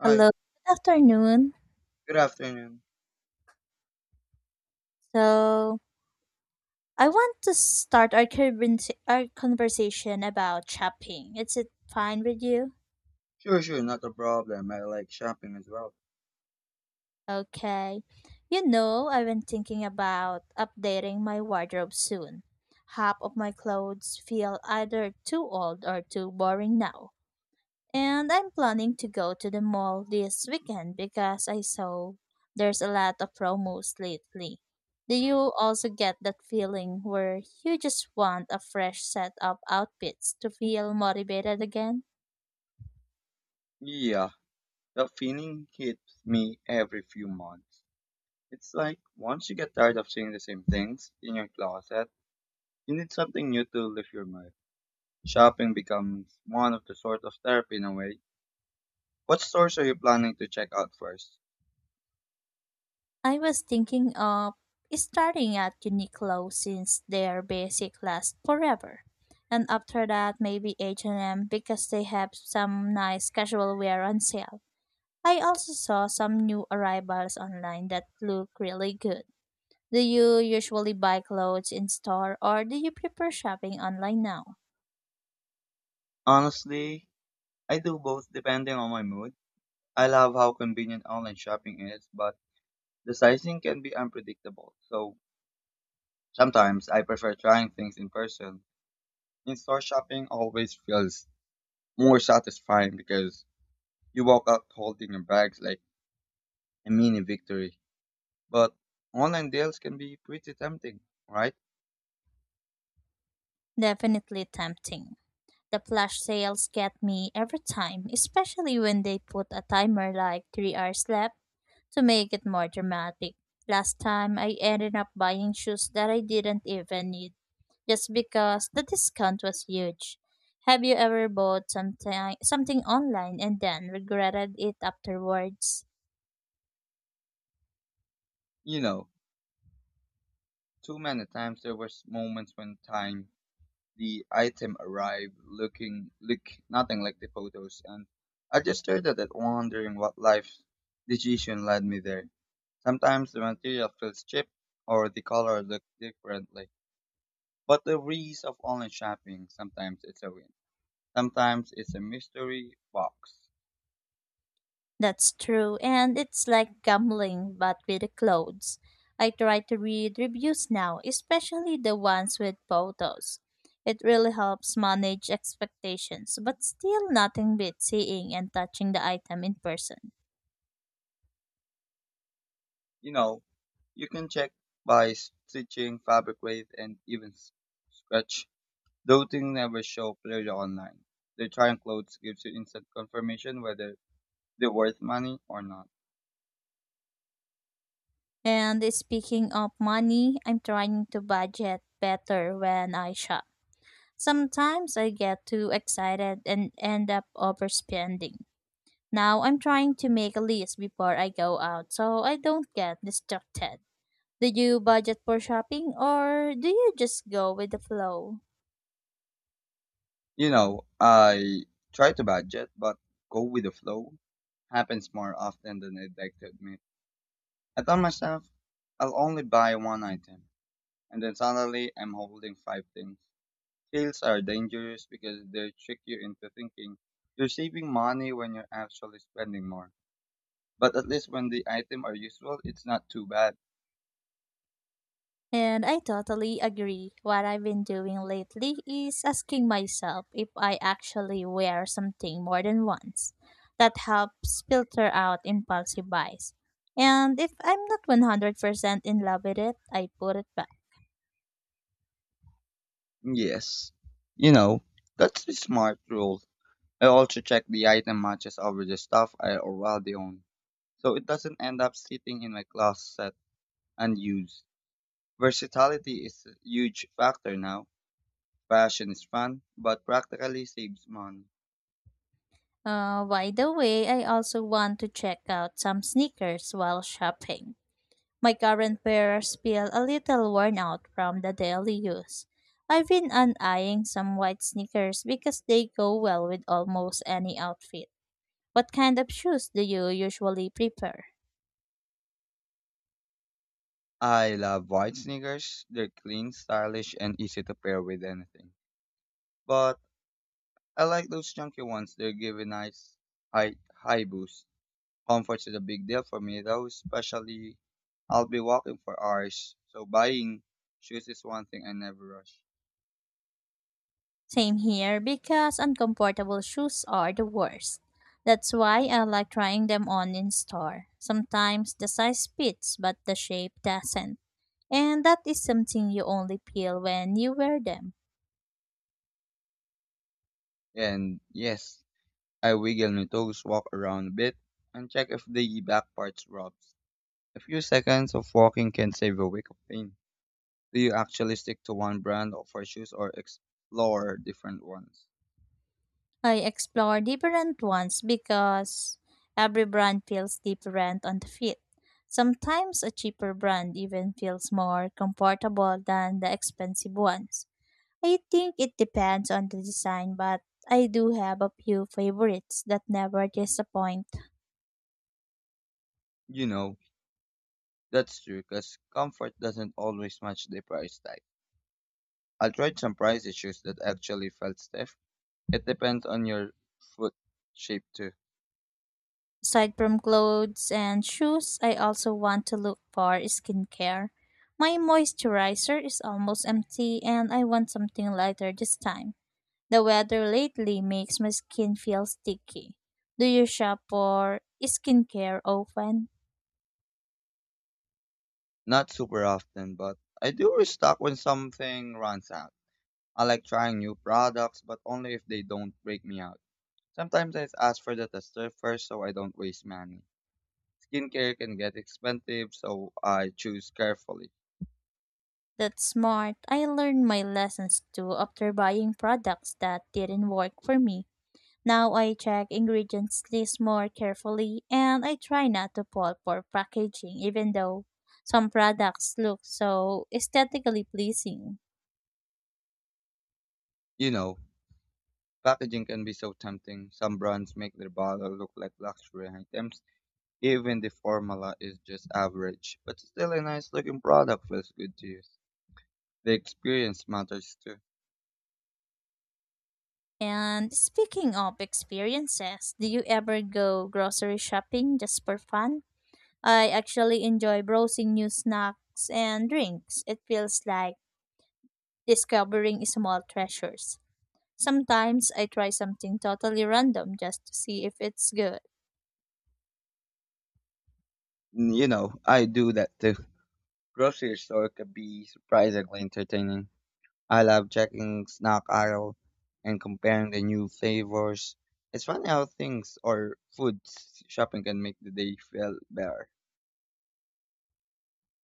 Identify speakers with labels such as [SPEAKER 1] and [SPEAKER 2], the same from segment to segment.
[SPEAKER 1] Hi,
[SPEAKER 2] Hello, good afternoon.
[SPEAKER 1] good afternoon.
[SPEAKER 2] So, I want to start our conversation about shopping. Is it fine with you?
[SPEAKER 1] Sure, sure, not a problem. I like shopping as well.
[SPEAKER 2] Okay. You know, I've been thinking about updating my wardrobe soon. Half of my clothes feel either too old or too boring now. And I'm planning to go to the mall this weekend because I saw there's a lot of promos lately. Do you also get that feeling where you just want a fresh set of outfits to feel motivated again?
[SPEAKER 1] Yeah, that feeling hits me every few months. It's like once you get tired of seeing the same things in your closet, you need something new to lift your mood. Shopping becomes one of the sort of therapy in a way. What stores are you planning to check out first?
[SPEAKER 2] I was thinking of starting at Uniqlo since their basic lasts forever. And after that, maybe H&M because they have some nice casual wear on sale. I also saw some new arrivals online that look really good. Do you usually buy clothes in store or do you prefer shopping online now?
[SPEAKER 1] Honestly, I do both depending on my mood. I love how convenient online shopping is, but the sizing can be unpredictable. So sometimes I prefer trying things in person. In-store shopping always feels more satisfying because you walk out holding your bags like a mini victory. But online deals can be pretty tempting, right?
[SPEAKER 2] Definitely tempting. The flash sales get me every time, especially when they put a timer like 3 hours left to make it more dramatic. Last time, I ended up buying shoes that I didn't even need just because the discount was huge. Have you ever bought something online and then regretted it afterwards?
[SPEAKER 1] You know, too many times there was moments when time the item arrived look nothing like the photos, and I just stared at it wondering what life decision led me there. Sometimes the material feels cheap or the color looks differently. But the breeze of online shopping, sometimes it's a win. Sometimes it's a mystery box.
[SPEAKER 2] That's true, and it's like gambling but with the clothes. I try to read reviews now, especially the ones with photos. It really helps manage expectations, but still nothing beats seeing and touching the item in person.
[SPEAKER 1] You know, you can check by stitching, fabric weight, and even scratch. Those things never show clearly online. The trying clothes gives you instant confirmation whether they're worth money or not.
[SPEAKER 2] And speaking of money, I'm trying to budget better when I shop. Sometimes I get too excited and end up overspending. Now I'm trying to make a list before I go out so I don't get distracted. Do you budget for shopping or do you just go with the flow?
[SPEAKER 1] You know, I try to budget, but go with the flow happens more often than I'd like to admit. I tell myself I'll only buy one item, and then suddenly I'm holding five things. Sales are dangerous because they trick you into thinking you're saving money when you're actually spending more. But at least when the item are useful, it's not too bad.
[SPEAKER 2] And I totally agree. What I've been doing lately is asking myself if I actually wear something more than once. That helps filter out impulsive buys. And if I'm not 100% in love with it, I put it back.
[SPEAKER 1] Yes. You know, that's the smart rule. I also check the item matches over the stuff I already own, so it doesn't end up sitting in my closet unused. Versatility is a huge factor now. Fashion is fun, but practically saves money.
[SPEAKER 2] By the way, I also want to check out some sneakers while shopping. My current pairs feel a little worn out from the daily use. I've been eyeing some white sneakers because they go well with almost any outfit. What kind of shoes do you usually prefer?
[SPEAKER 1] I love white sneakers. They're clean, stylish, and easy to pair with anything. But I like those chunky ones. They give a nice high, high boost. Comfort is a big deal for me, though, especially I'll be walking for hours. So buying shoes is one thing I never rush.
[SPEAKER 2] Same here because uncomfortable shoes are the worst. That's why I like trying them on in store. Sometimes the size fits but the shape doesn't. And that is something you only feel when you wear them.
[SPEAKER 1] And yes, I wiggle my toes, walk around a bit, and check if the back parts rubs. A few seconds of walking can save a week of pain. Do you actually stick to one brand for shoes or explore different ones?
[SPEAKER 2] I explore different ones because every brand feels different on the fit. Sometimes a cheaper brand even feels more comfortable than the expensive ones. I think it depends on the design, but I do have a few favorites that never disappoint.
[SPEAKER 1] You know, that's true because comfort doesn't always match the price tag. I tried some pricey shoes that actually felt stiff. It depends on your foot shape too.
[SPEAKER 2] Aside from clothes and shoes, I also want to look for skincare. My moisturizer is almost empty and I want something lighter this time. The weather lately makes my skin feel sticky. Do you shop for skincare often?
[SPEAKER 1] Not super often, but I do restock when something runs out. I like trying new products, but only if they don't break me out. Sometimes I ask for the tester first so I don't waste money. Skincare can get expensive, so I choose carefully.
[SPEAKER 2] That's smart. I learned my lessons too after buying products that didn't work for me. Now I check ingredients list more carefully and I try not to fall for packaging even though some products look so aesthetically pleasing.
[SPEAKER 1] You know, packaging can be so tempting. Some brands make their bottle look like luxury items, even the formula is just average. But still, a nice looking product feels good to use. The experience matters too.
[SPEAKER 2] And speaking of experiences, do you ever go grocery shopping just for fun? I actually enjoy browsing new snacks and drinks. It feels like discovering small treasures. Sometimes I try something totally random just to see if it's good.
[SPEAKER 1] You know, I do that too. Grocery store could be surprisingly entertaining. I love checking snack aisle and comparing the new flavors. It's funny how things or foods shopping can make the day feel better.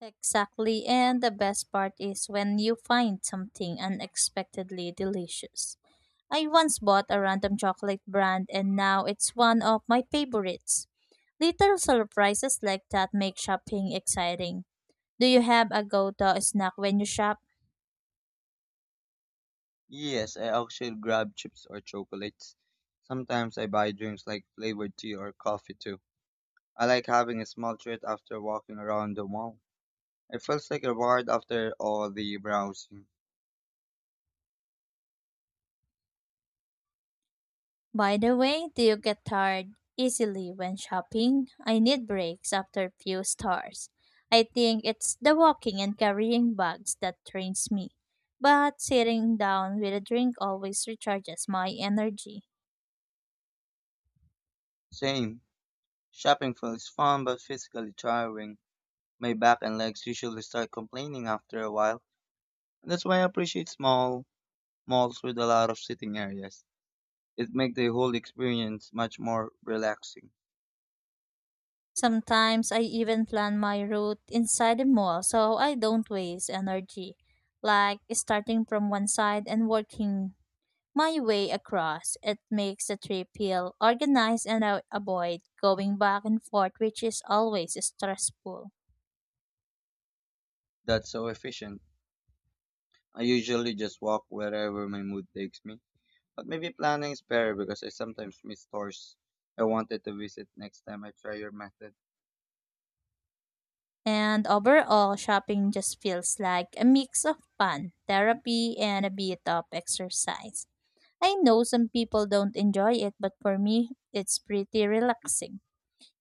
[SPEAKER 2] Exactly, and the best part is when you find something unexpectedly delicious. I once bought a random chocolate brand and now it's one of my favorites. Little surprises like that make shopping exciting. Do you have a go-to snack when you shop?
[SPEAKER 1] Yes, I actually grab chips or chocolates. Sometimes I buy drinks like flavored tea or coffee too. I like having a small treat after walking around the mall. It feels like a reward after all the browsing.
[SPEAKER 2] By the way, do you get tired easily when shopping? I need breaks after few stores. I think it's the walking and carrying bags that drains me. But sitting down with a drink always recharges my energy.
[SPEAKER 1] Same. Shopping feels fun but physically tiring. My back and legs usually start complaining after a while. And that's why I appreciate small malls with a lot of sitting areas. It makes the whole experience much more relaxing.
[SPEAKER 2] Sometimes I even plan my route inside the mall so I don't waste energy, like starting from one side and working my way across. It makes the trip feel organized and I avoid going back and forth, which is always stressful.
[SPEAKER 1] That's so efficient. I usually just walk wherever my mood takes me, but maybe planning is better because I sometimes miss stores I wanted to visit next time I try your method.
[SPEAKER 2] And overall, shopping just feels like a mix of fun, therapy, and a bit of exercise. I know some people don't enjoy it, but for me, it's pretty relaxing.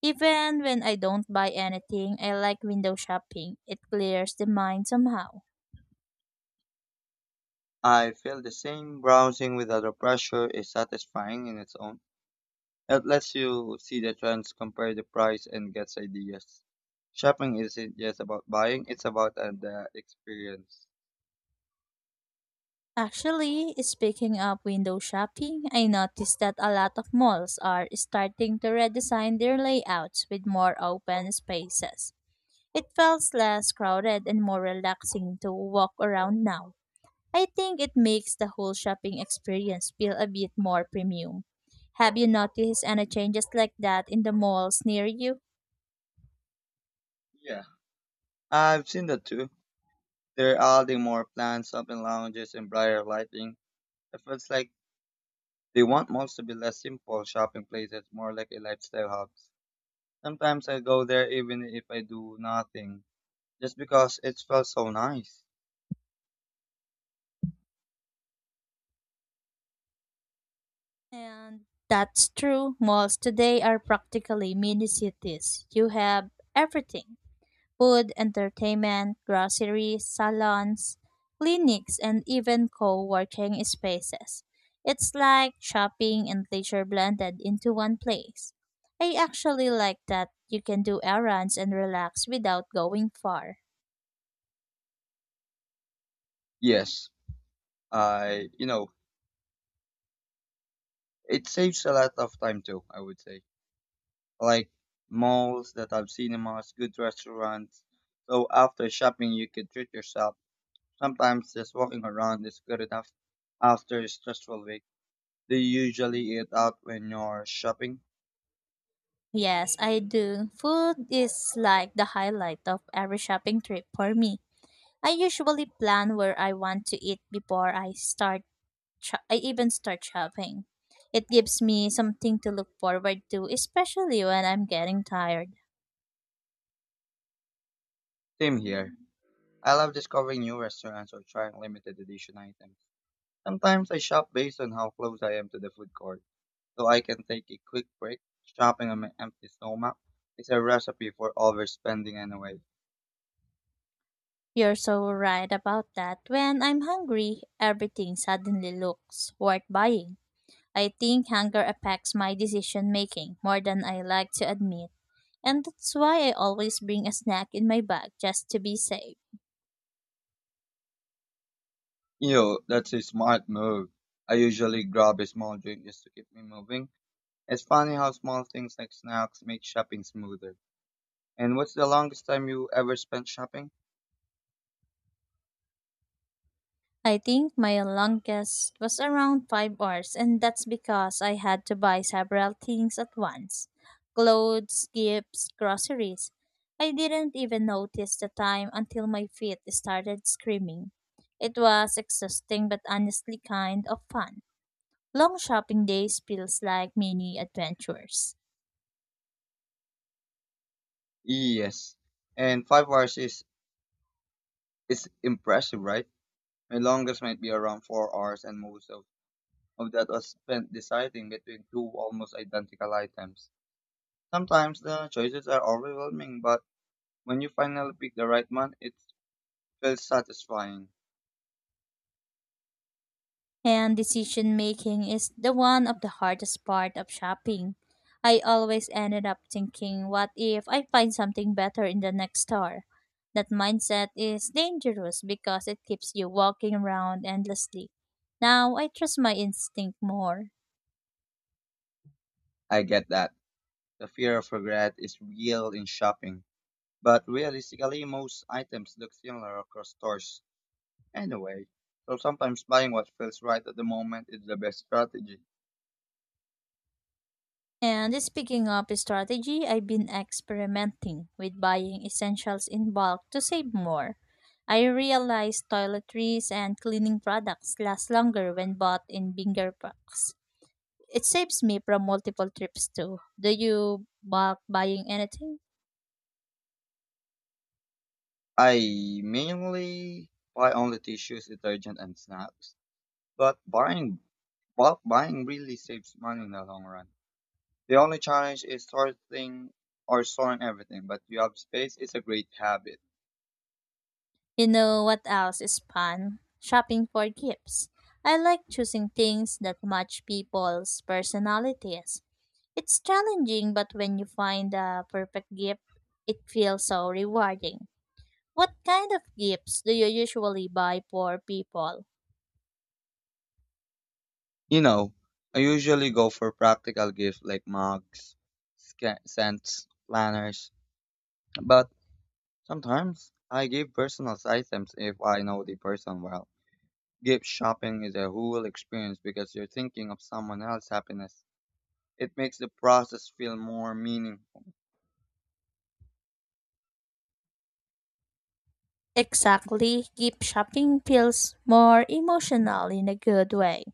[SPEAKER 2] Even when I don't buy anything, I like window shopping. It clears the mind somehow.
[SPEAKER 1] I feel the same browsing without a pressure is satisfying in its own. It lets you see the trends, compare the price, and gets ideas. Shopping isn't just about buying, it's about the experience.
[SPEAKER 2] Actually, speaking of window shopping, I noticed that a lot of malls are starting to redesign their layouts with more open spaces. It feels less crowded and more relaxing to walk around now. I think it makes the whole shopping experience feel a bit more premium. Have you noticed any changes like that in the malls near you?
[SPEAKER 1] Yeah, I've seen that too. They're adding more plants, open lounges, and brighter lighting. It feels like they want malls to be less simple shopping places, more like a lifestyle hubs. Sometimes I go there even if I do nothing, just because it felt so nice.
[SPEAKER 2] And that's true, malls today are practically mini cities. You have everything food, entertainment, groceries, salons, clinics, and even co working spaces. It's like shopping and leisure blended into one place. I actually like that you can do errands and relax without going far.
[SPEAKER 1] Yes, I, you know, it saves a lot of time too, I would say. Like malls that have cinemas, good restaurants. So after shopping, you can treat yourself. Sometimes just walking around is good enough after a stressful week. Do you usually eat out when you're shopping?
[SPEAKER 2] Yes, I do. Food is like the highlight of every shopping trip for me. I usually plan where I want to eat before I I even start shopping. It gives me something to look forward to, especially when I'm getting tired.
[SPEAKER 1] Same here. I love discovering new restaurants or trying limited edition items. Sometimes I shop based on how close I am to the food court, so I can take a quick break. Shopping on an empty stomach is a recipe for overspending anyway.
[SPEAKER 2] You're so right about that. When I'm hungry, everything suddenly looks worth buying. I think hunger affects my decision making more than I like to admit, and that's why I always bring a snack in my bag just to be safe.
[SPEAKER 1] Yo, that's a smart move. I usually grab a small drink just to keep me moving. It's funny how small things like snacks make shopping smoother. And what's the longest time you ever spent shopping?
[SPEAKER 2] I think my longest was around 5 hours, and that's because I had to buy several things at once clothes, gifts, groceries. I didn't even notice the time until my feet started screaming. It was exhausting but honestly kind of fun. Long shopping days feels like mini adventures.
[SPEAKER 1] Yes. And 5 hours is impressive, right? My longest might be around 4 hours, and most of that was spent deciding between two almost identical items. Sometimes the choices are overwhelming, but when you finally pick the right one, it feels satisfying.
[SPEAKER 2] And decision making is the one of the hardest part of shopping. I always ended up thinking, what if I find something better in the next store? That mindset is dangerous because it keeps you walking around endlessly. Now I trust my instinct more.
[SPEAKER 1] I get that. The fear of regret is real in shopping, but realistically, most items look similar across stores anyway. So sometimes buying what feels right at the moment is the best strategy.
[SPEAKER 2] And speaking of strategy, I've been experimenting with buying essentials in bulk to save more. I realized toiletries and cleaning products last longer when bought in bigger packs. It saves me from multiple trips too. Do you bulk buying anything?
[SPEAKER 1] I mainly buy only tissues, detergent, and snacks. But buying but buying really saves money in the long run. The only challenge is sorting or storing everything, but you have space is a great habit.
[SPEAKER 2] You know what else is fun? Shopping for gifts. I like choosing things that match people's personalities. It's challenging, but when you find the perfect gift, it feels so rewarding. What kind of gifts do you usually buy for people?
[SPEAKER 1] You know, I usually go for practical gifts like mugs, scents, planners, but sometimes I give personalized items if I know the person well. Gift shopping is a whole experience because you're thinking of someone else's happiness. It makes the process feel more meaningful.
[SPEAKER 2] Exactly, gift shopping feels more emotional in a good way.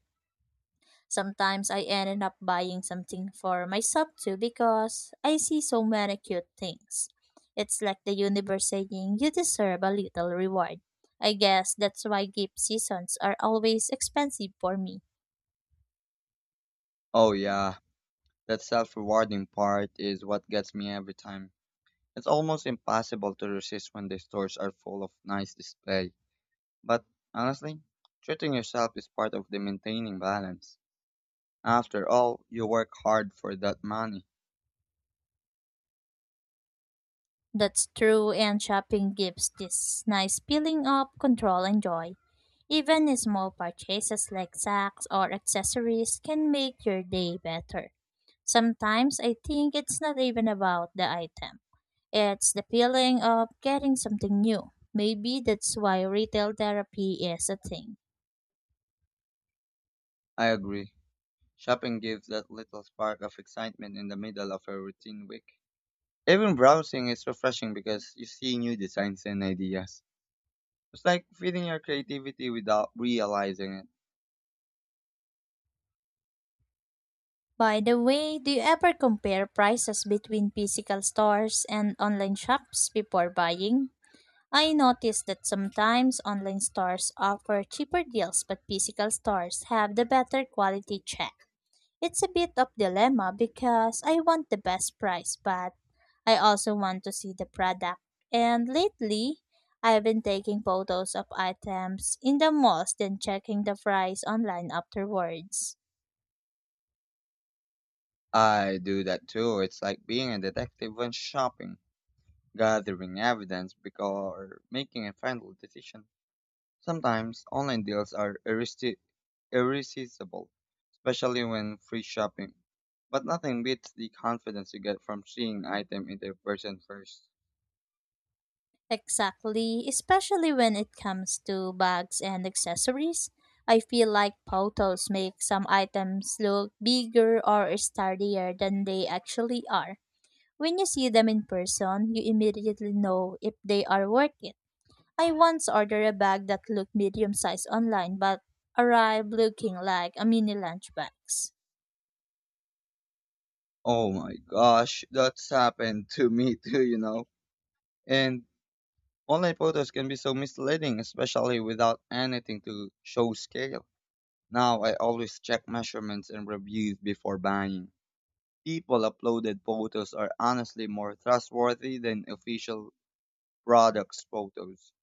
[SPEAKER 2] Sometimes I ended up buying something for myself too because I see so many cute things. It's like the universe saying you deserve a little reward. I guess that's why gift seasons are always expensive for me.
[SPEAKER 1] Oh yeah, that self rewarding part is what gets me every time. It's almost impossible to resist when the stores are full of nice display. But honestly, treating yourself is part of the maintaining balance. After all, you work hard for that money.
[SPEAKER 2] That's true, and shopping gives this nice feeling of control and joy. Even small purchases like socks or accessories can make your day better. Sometimes I think it's not even about the item. It's the feeling of getting something new. Maybe that's why retail therapy is a thing.
[SPEAKER 1] I agree. Shopping gives that little spark of excitement in the middle of a routine week. Even browsing is refreshing because you see new designs and ideas. It's like feeding your creativity without realizing it.
[SPEAKER 2] By the way, do you ever compare prices between physical stores and online shops before buying? I noticed that sometimes online stores offer cheaper deals, but physical stores have the better quality check. It's a bit of dilemma because I want the best price, but I also want to see the product. And lately, I've been taking photos of items in the malls then checking the price online afterwards.
[SPEAKER 1] I do that too. It's like being a detective when shopping, gathering evidence or making a final decision. Sometimes online deals are irresistible, especially when free shopping. But nothing beats the confidence you get from seeing item in their person first.
[SPEAKER 2] Exactly, especially when it comes to bags and accessories. I feel like photos make some items look bigger or sturdier than they actually are. When you see them in person, you immediately know if they are worth it. I once ordered a bag that looked medium sized online but arrived looking like a mini lunch box.
[SPEAKER 1] Oh my gosh, that's happened to me too. And online photos can be so misleading, especially without anything to show scale. Now I always check measurements and reviews before buying. People uploaded photos are honestly more trustworthy than official products photos.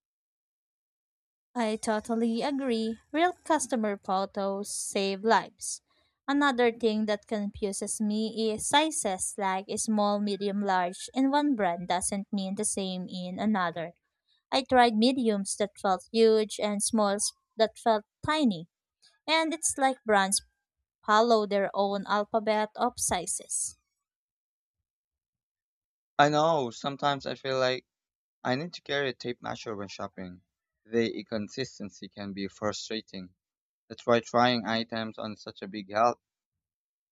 [SPEAKER 2] I totally agree. Real customer photos save lives. Another thing that confuses me is sizes like small, medium, large, and one brand doesn't mean the same in another. I tried mediums that felt huge and smalls that felt tiny, and it's like brands follow their own alphabet of sizes.
[SPEAKER 1] I know, sometimes I feel like I need to carry a tape measure when shopping. The inconsistency can be frustrating. That's why trying items on such a big help.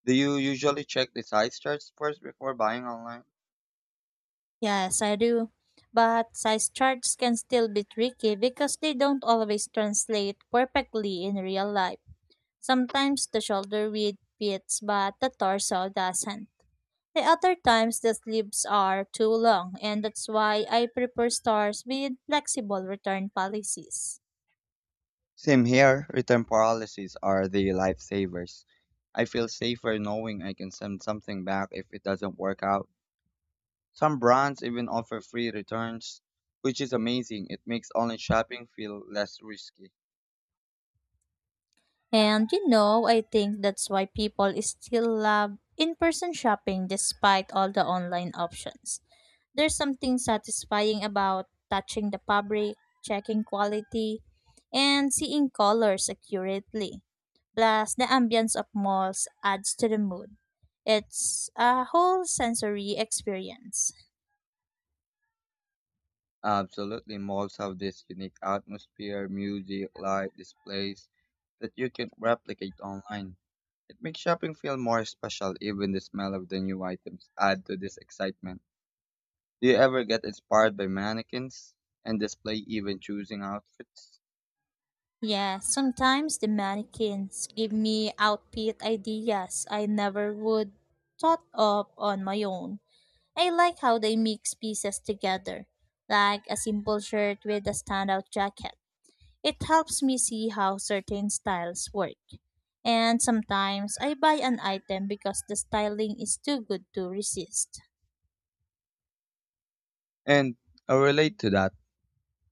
[SPEAKER 1] Do you usually check the size charts first before buying online?
[SPEAKER 2] Yes, I do. But size charts can still be tricky because they don't always translate perfectly in real life. Sometimes the shoulder width fits, but the torso doesn't. The other times the sleeves are too long, and that's why I prefer stores with flexible return policies.
[SPEAKER 1] Same here. Return policies are the lifesavers. I feel safer knowing I can send something back if it doesn't work out. Some brands even offer free returns, which is amazing. It makes online shopping feel less risky.
[SPEAKER 2] And you know, I think that's why people still love in person shopping despite all the online options. There's something satisfying about touching the fabric, checking quality, and seeing colors accurately. Plus, the ambience of malls adds to the mood. It's a whole sensory experience.
[SPEAKER 1] Absolutely, malls have this unique atmosphere, music, light, displays that you can replicate online. It makes shopping feel more special, even the smell of the new items add to this excitement. Do you ever get inspired by mannequins and display even choosing outfits?
[SPEAKER 2] Yeah, sometimes the mannequins give me outfit ideas I never would thought of on my own. I like how they mix pieces together, like a simple shirt with a standout jacket. It helps me see how certain styles work. And sometimes I buy an item because the styling is too good to resist.
[SPEAKER 1] And I relate to that.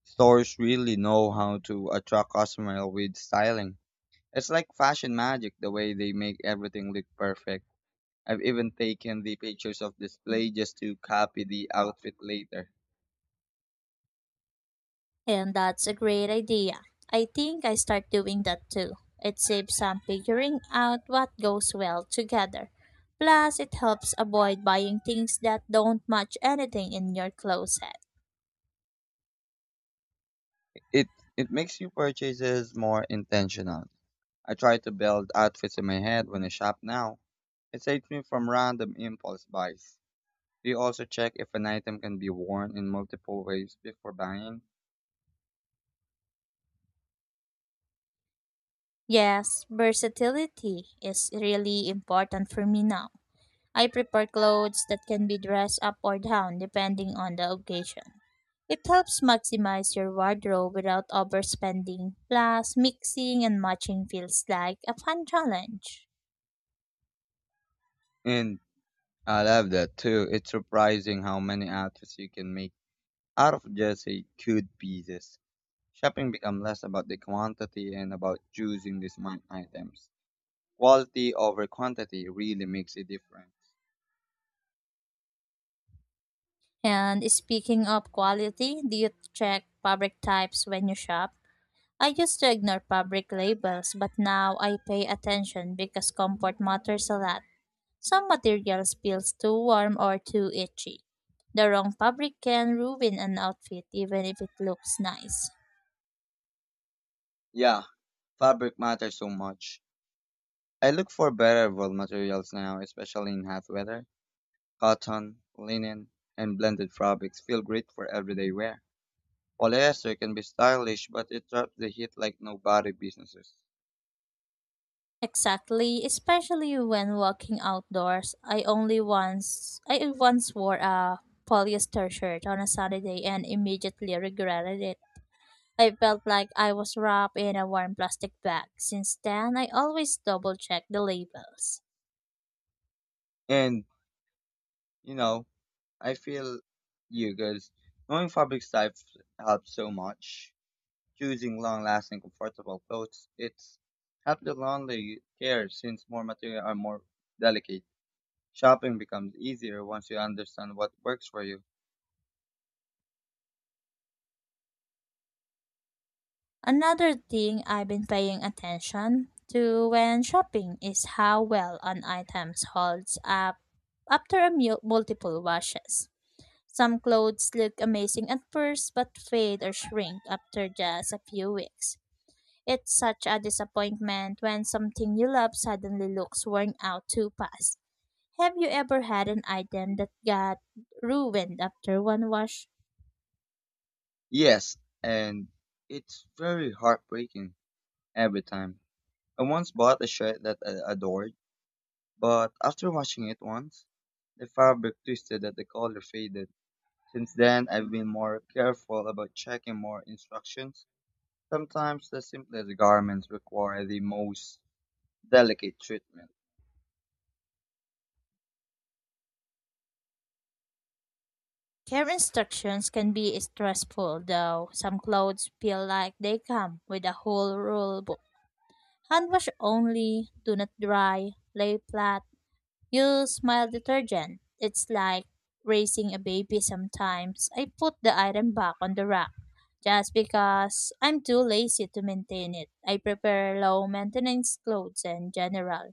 [SPEAKER 1] Stores really know how to attract customers with styling. It's like fashion magic the way they make everything look perfect. I've even taken the pictures of display just to copy the outfit later.
[SPEAKER 2] And that's a great idea. I think I start doing that too. It saves some figuring out what goes well together. Plus, it helps avoid buying things that don't match anything in your closet.
[SPEAKER 1] It it makes your purchases more intentional. I try to build outfits in my head when I shop now. It saves me from random impulse buys. Do you also check if an item can be worn in multiple ways before buying?
[SPEAKER 2] Yes, versatility is really important for me now. I prefer clothes that can be dressed up or down depending on the occasion. It helps maximize your wardrobe without overspending. Plus, mixing and matching feels like a fun challenge.
[SPEAKER 1] And I love that too. It's surprising how many outfits you can make out of just a good pieces. Shopping becomes less about the quantity and about choosing the smart items. Quality over quantity really makes a difference.
[SPEAKER 2] And speaking of quality, do you check fabric types when you shop? I used to ignore fabric labels, but now I pay attention because comfort matters a lot. Some materials feels too warm or too itchy. The wrong fabric can ruin an outfit even if it looks nice.
[SPEAKER 1] Yeah, fabric matters so much. I look for better wool materials now, especially in hot weather. Cotton, linen, and blended fabrics feel great for everyday wear. Polyester can be stylish, but it traps the heat like nobody businesses.
[SPEAKER 2] Exactly, especially when walking outdoors. I once wore a polyester shirt on a Saturday and immediately regretted it. I felt like I was wrapped in a warm plastic bag. Since then, I always double check the labels.
[SPEAKER 1] And you know, I feel you guys knowing fabric types helps so much. Choosing long-lasting, comfortable clothes, it's helped the laundry care since more material are more delicate. Shopping becomes easier once you understand what works for you.
[SPEAKER 2] Another thing I've been paying attention to when shopping is how well an item holds up after multiple washes. Some clothes look amazing at first but fade or shrink after just a few weeks. It's such a disappointment when something you love suddenly looks worn out too fast. Have you ever had an item that got ruined after one wash?
[SPEAKER 1] Yes, and it's very heartbreaking every time. I once bought a shirt that I adored, but after washing it once, the fabric twisted and the color faded. Since then, I've been more careful about checking more instructions. Sometimes the simplest garments require the most delicate treatment.
[SPEAKER 2] Care instructions can be stressful, though. Some clothes feel like they come with a whole rule book. Hand wash only, do not dry, lay flat, use mild detergent. It's like raising a baby sometimes. I put the item back on the rack just because I'm too lazy to maintain it. I prefer low maintenance clothes in general.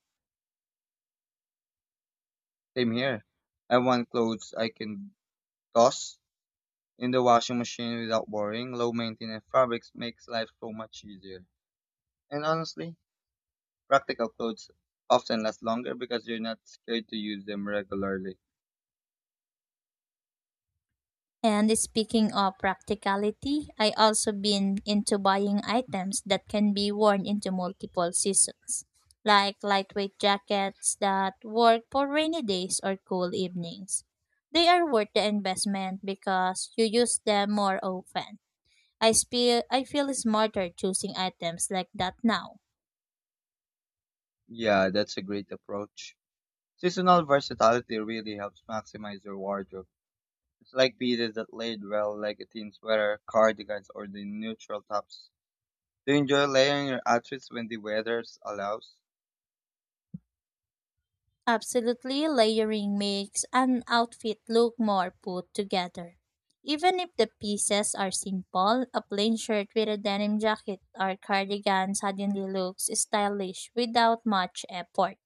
[SPEAKER 1] Same here. I want clothes I can toss in the washing machine without worrying. Low maintenance fabrics makes life so much easier. And honestly, practical clothes often last longer because you're not scared to use them regularly.
[SPEAKER 2] And speaking of practicality, I also been into buying items that can be worn into multiple seasons, like lightweight jackets that work for rainy days or cool evenings. They are worth the investment because you use them more often. I feel smarter choosing items like that now.
[SPEAKER 1] Yeah, that's a great approach. Seasonal versatility really helps maximize your wardrobe. It's like pieces that laid well, like a teen sweater, cardigans, or the neutral tops. Do you enjoy layering your outfits when the weather allows?
[SPEAKER 2] Absolutely, layering makes an outfit look more put together. Even if the pieces are simple, a plain shirt with a denim jacket or cardigan suddenly looks stylish without much effort.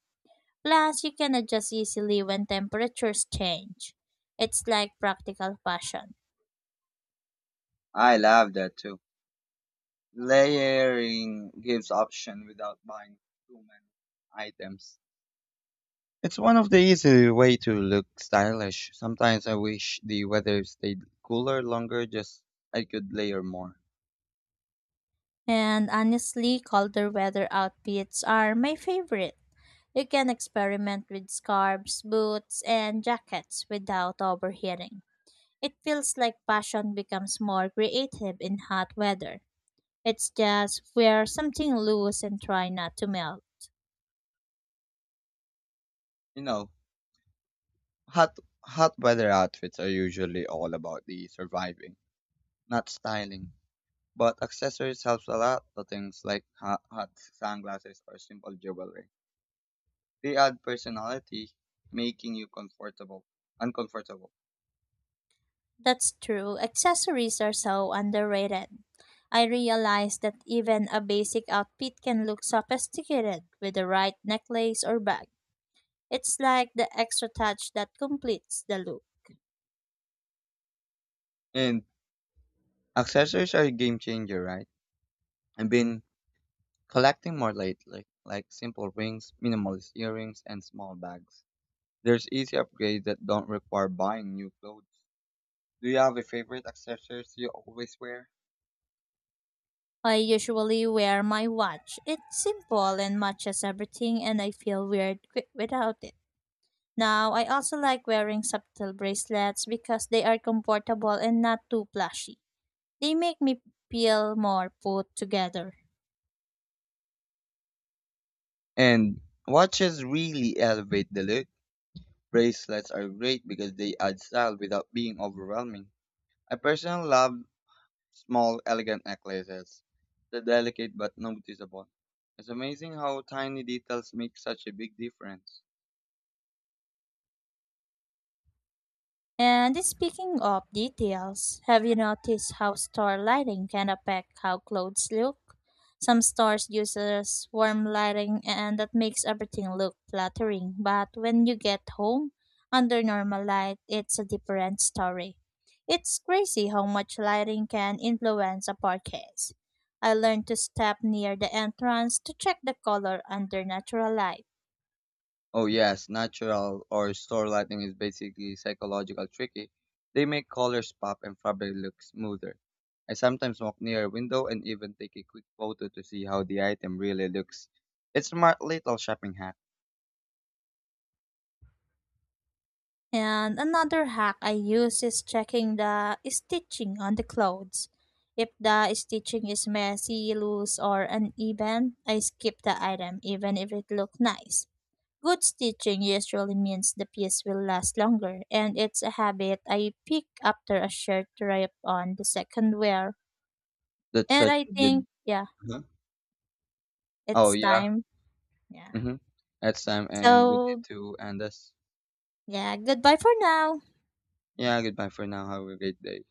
[SPEAKER 2] Plus, you can adjust easily when temperatures change. It's like practical fashion.
[SPEAKER 1] I love that too. Layering gives option without buying too many items. It's one of the easy way to look stylish. Sometimes I wish the weather stayed cooler longer, just I could layer more.
[SPEAKER 2] And honestly, colder weather outfits are my favorite. You can experiment with scarves, boots, and jackets without overheating. It feels like passion becomes more creative in hot weather. It's just wear something loose and try not to melt.
[SPEAKER 1] You know, hot weather outfits are usually all about the surviving, not styling. But accessories helps a lot to things like hot sunglasses or simple jewelry. They add personality, making you comfortable, uncomfortable.
[SPEAKER 2] That's true. Accessories are so underrated. I realize that even a basic outfit can look sophisticated with the right necklace or bag. It's like the extra touch that completes the look.
[SPEAKER 1] And accessories are a game changer, right? I've been collecting more lately, like simple rings, minimalist earrings, and small bags. There's easy upgrades that don't require buying new clothes. Do you have a favorite accessories you always wear?
[SPEAKER 2] I usually wear my watch. It's simple and matches everything, and I feel weird without it. Now, I also like wearing subtle bracelets because they are comfortable and not too flashy. They make me feel more put together.
[SPEAKER 1] And watches really elevate the look. Bracelets are great because they add style without being overwhelming. I personally love small, elegant necklaces. They're delicate but noticeable. It's amazing how tiny details make such a big difference.
[SPEAKER 2] And speaking of details, have you noticed how store lighting can affect how clothes look? Some stores uses warm lighting and that makes everything look flattering, but when you get home under normal light, it's a different story. It's crazy how much lighting can influence a purchase. I learned to step near the entrance to check the color under natural light.
[SPEAKER 1] Oh yes, natural or store lighting is basically psychological tricky. They make colors pop and fabric look smoother. I sometimes walk near a window and even take a quick photo to see how the item really looks. It's a smart little shopping hack.
[SPEAKER 2] And another hack I use is checking the stitching on the clothes. If the stitching is messy, loose, or uneven, I skip the item even if it looks nice. Good stitching usually means the piece will last longer, and it's a habit I pick after a shirt rip on the second wear.
[SPEAKER 1] That's
[SPEAKER 2] And
[SPEAKER 1] such
[SPEAKER 2] I
[SPEAKER 1] a good.
[SPEAKER 2] think, yeah,
[SPEAKER 1] Huh. Oh
[SPEAKER 2] it's
[SPEAKER 1] yeah.
[SPEAKER 2] time. Yeah.
[SPEAKER 1] Mhm. That's time, and we need
[SPEAKER 2] So,
[SPEAKER 1] to end this.
[SPEAKER 2] yeah, goodbye for now.
[SPEAKER 1] Yeah. Goodbye for now. Have a great day.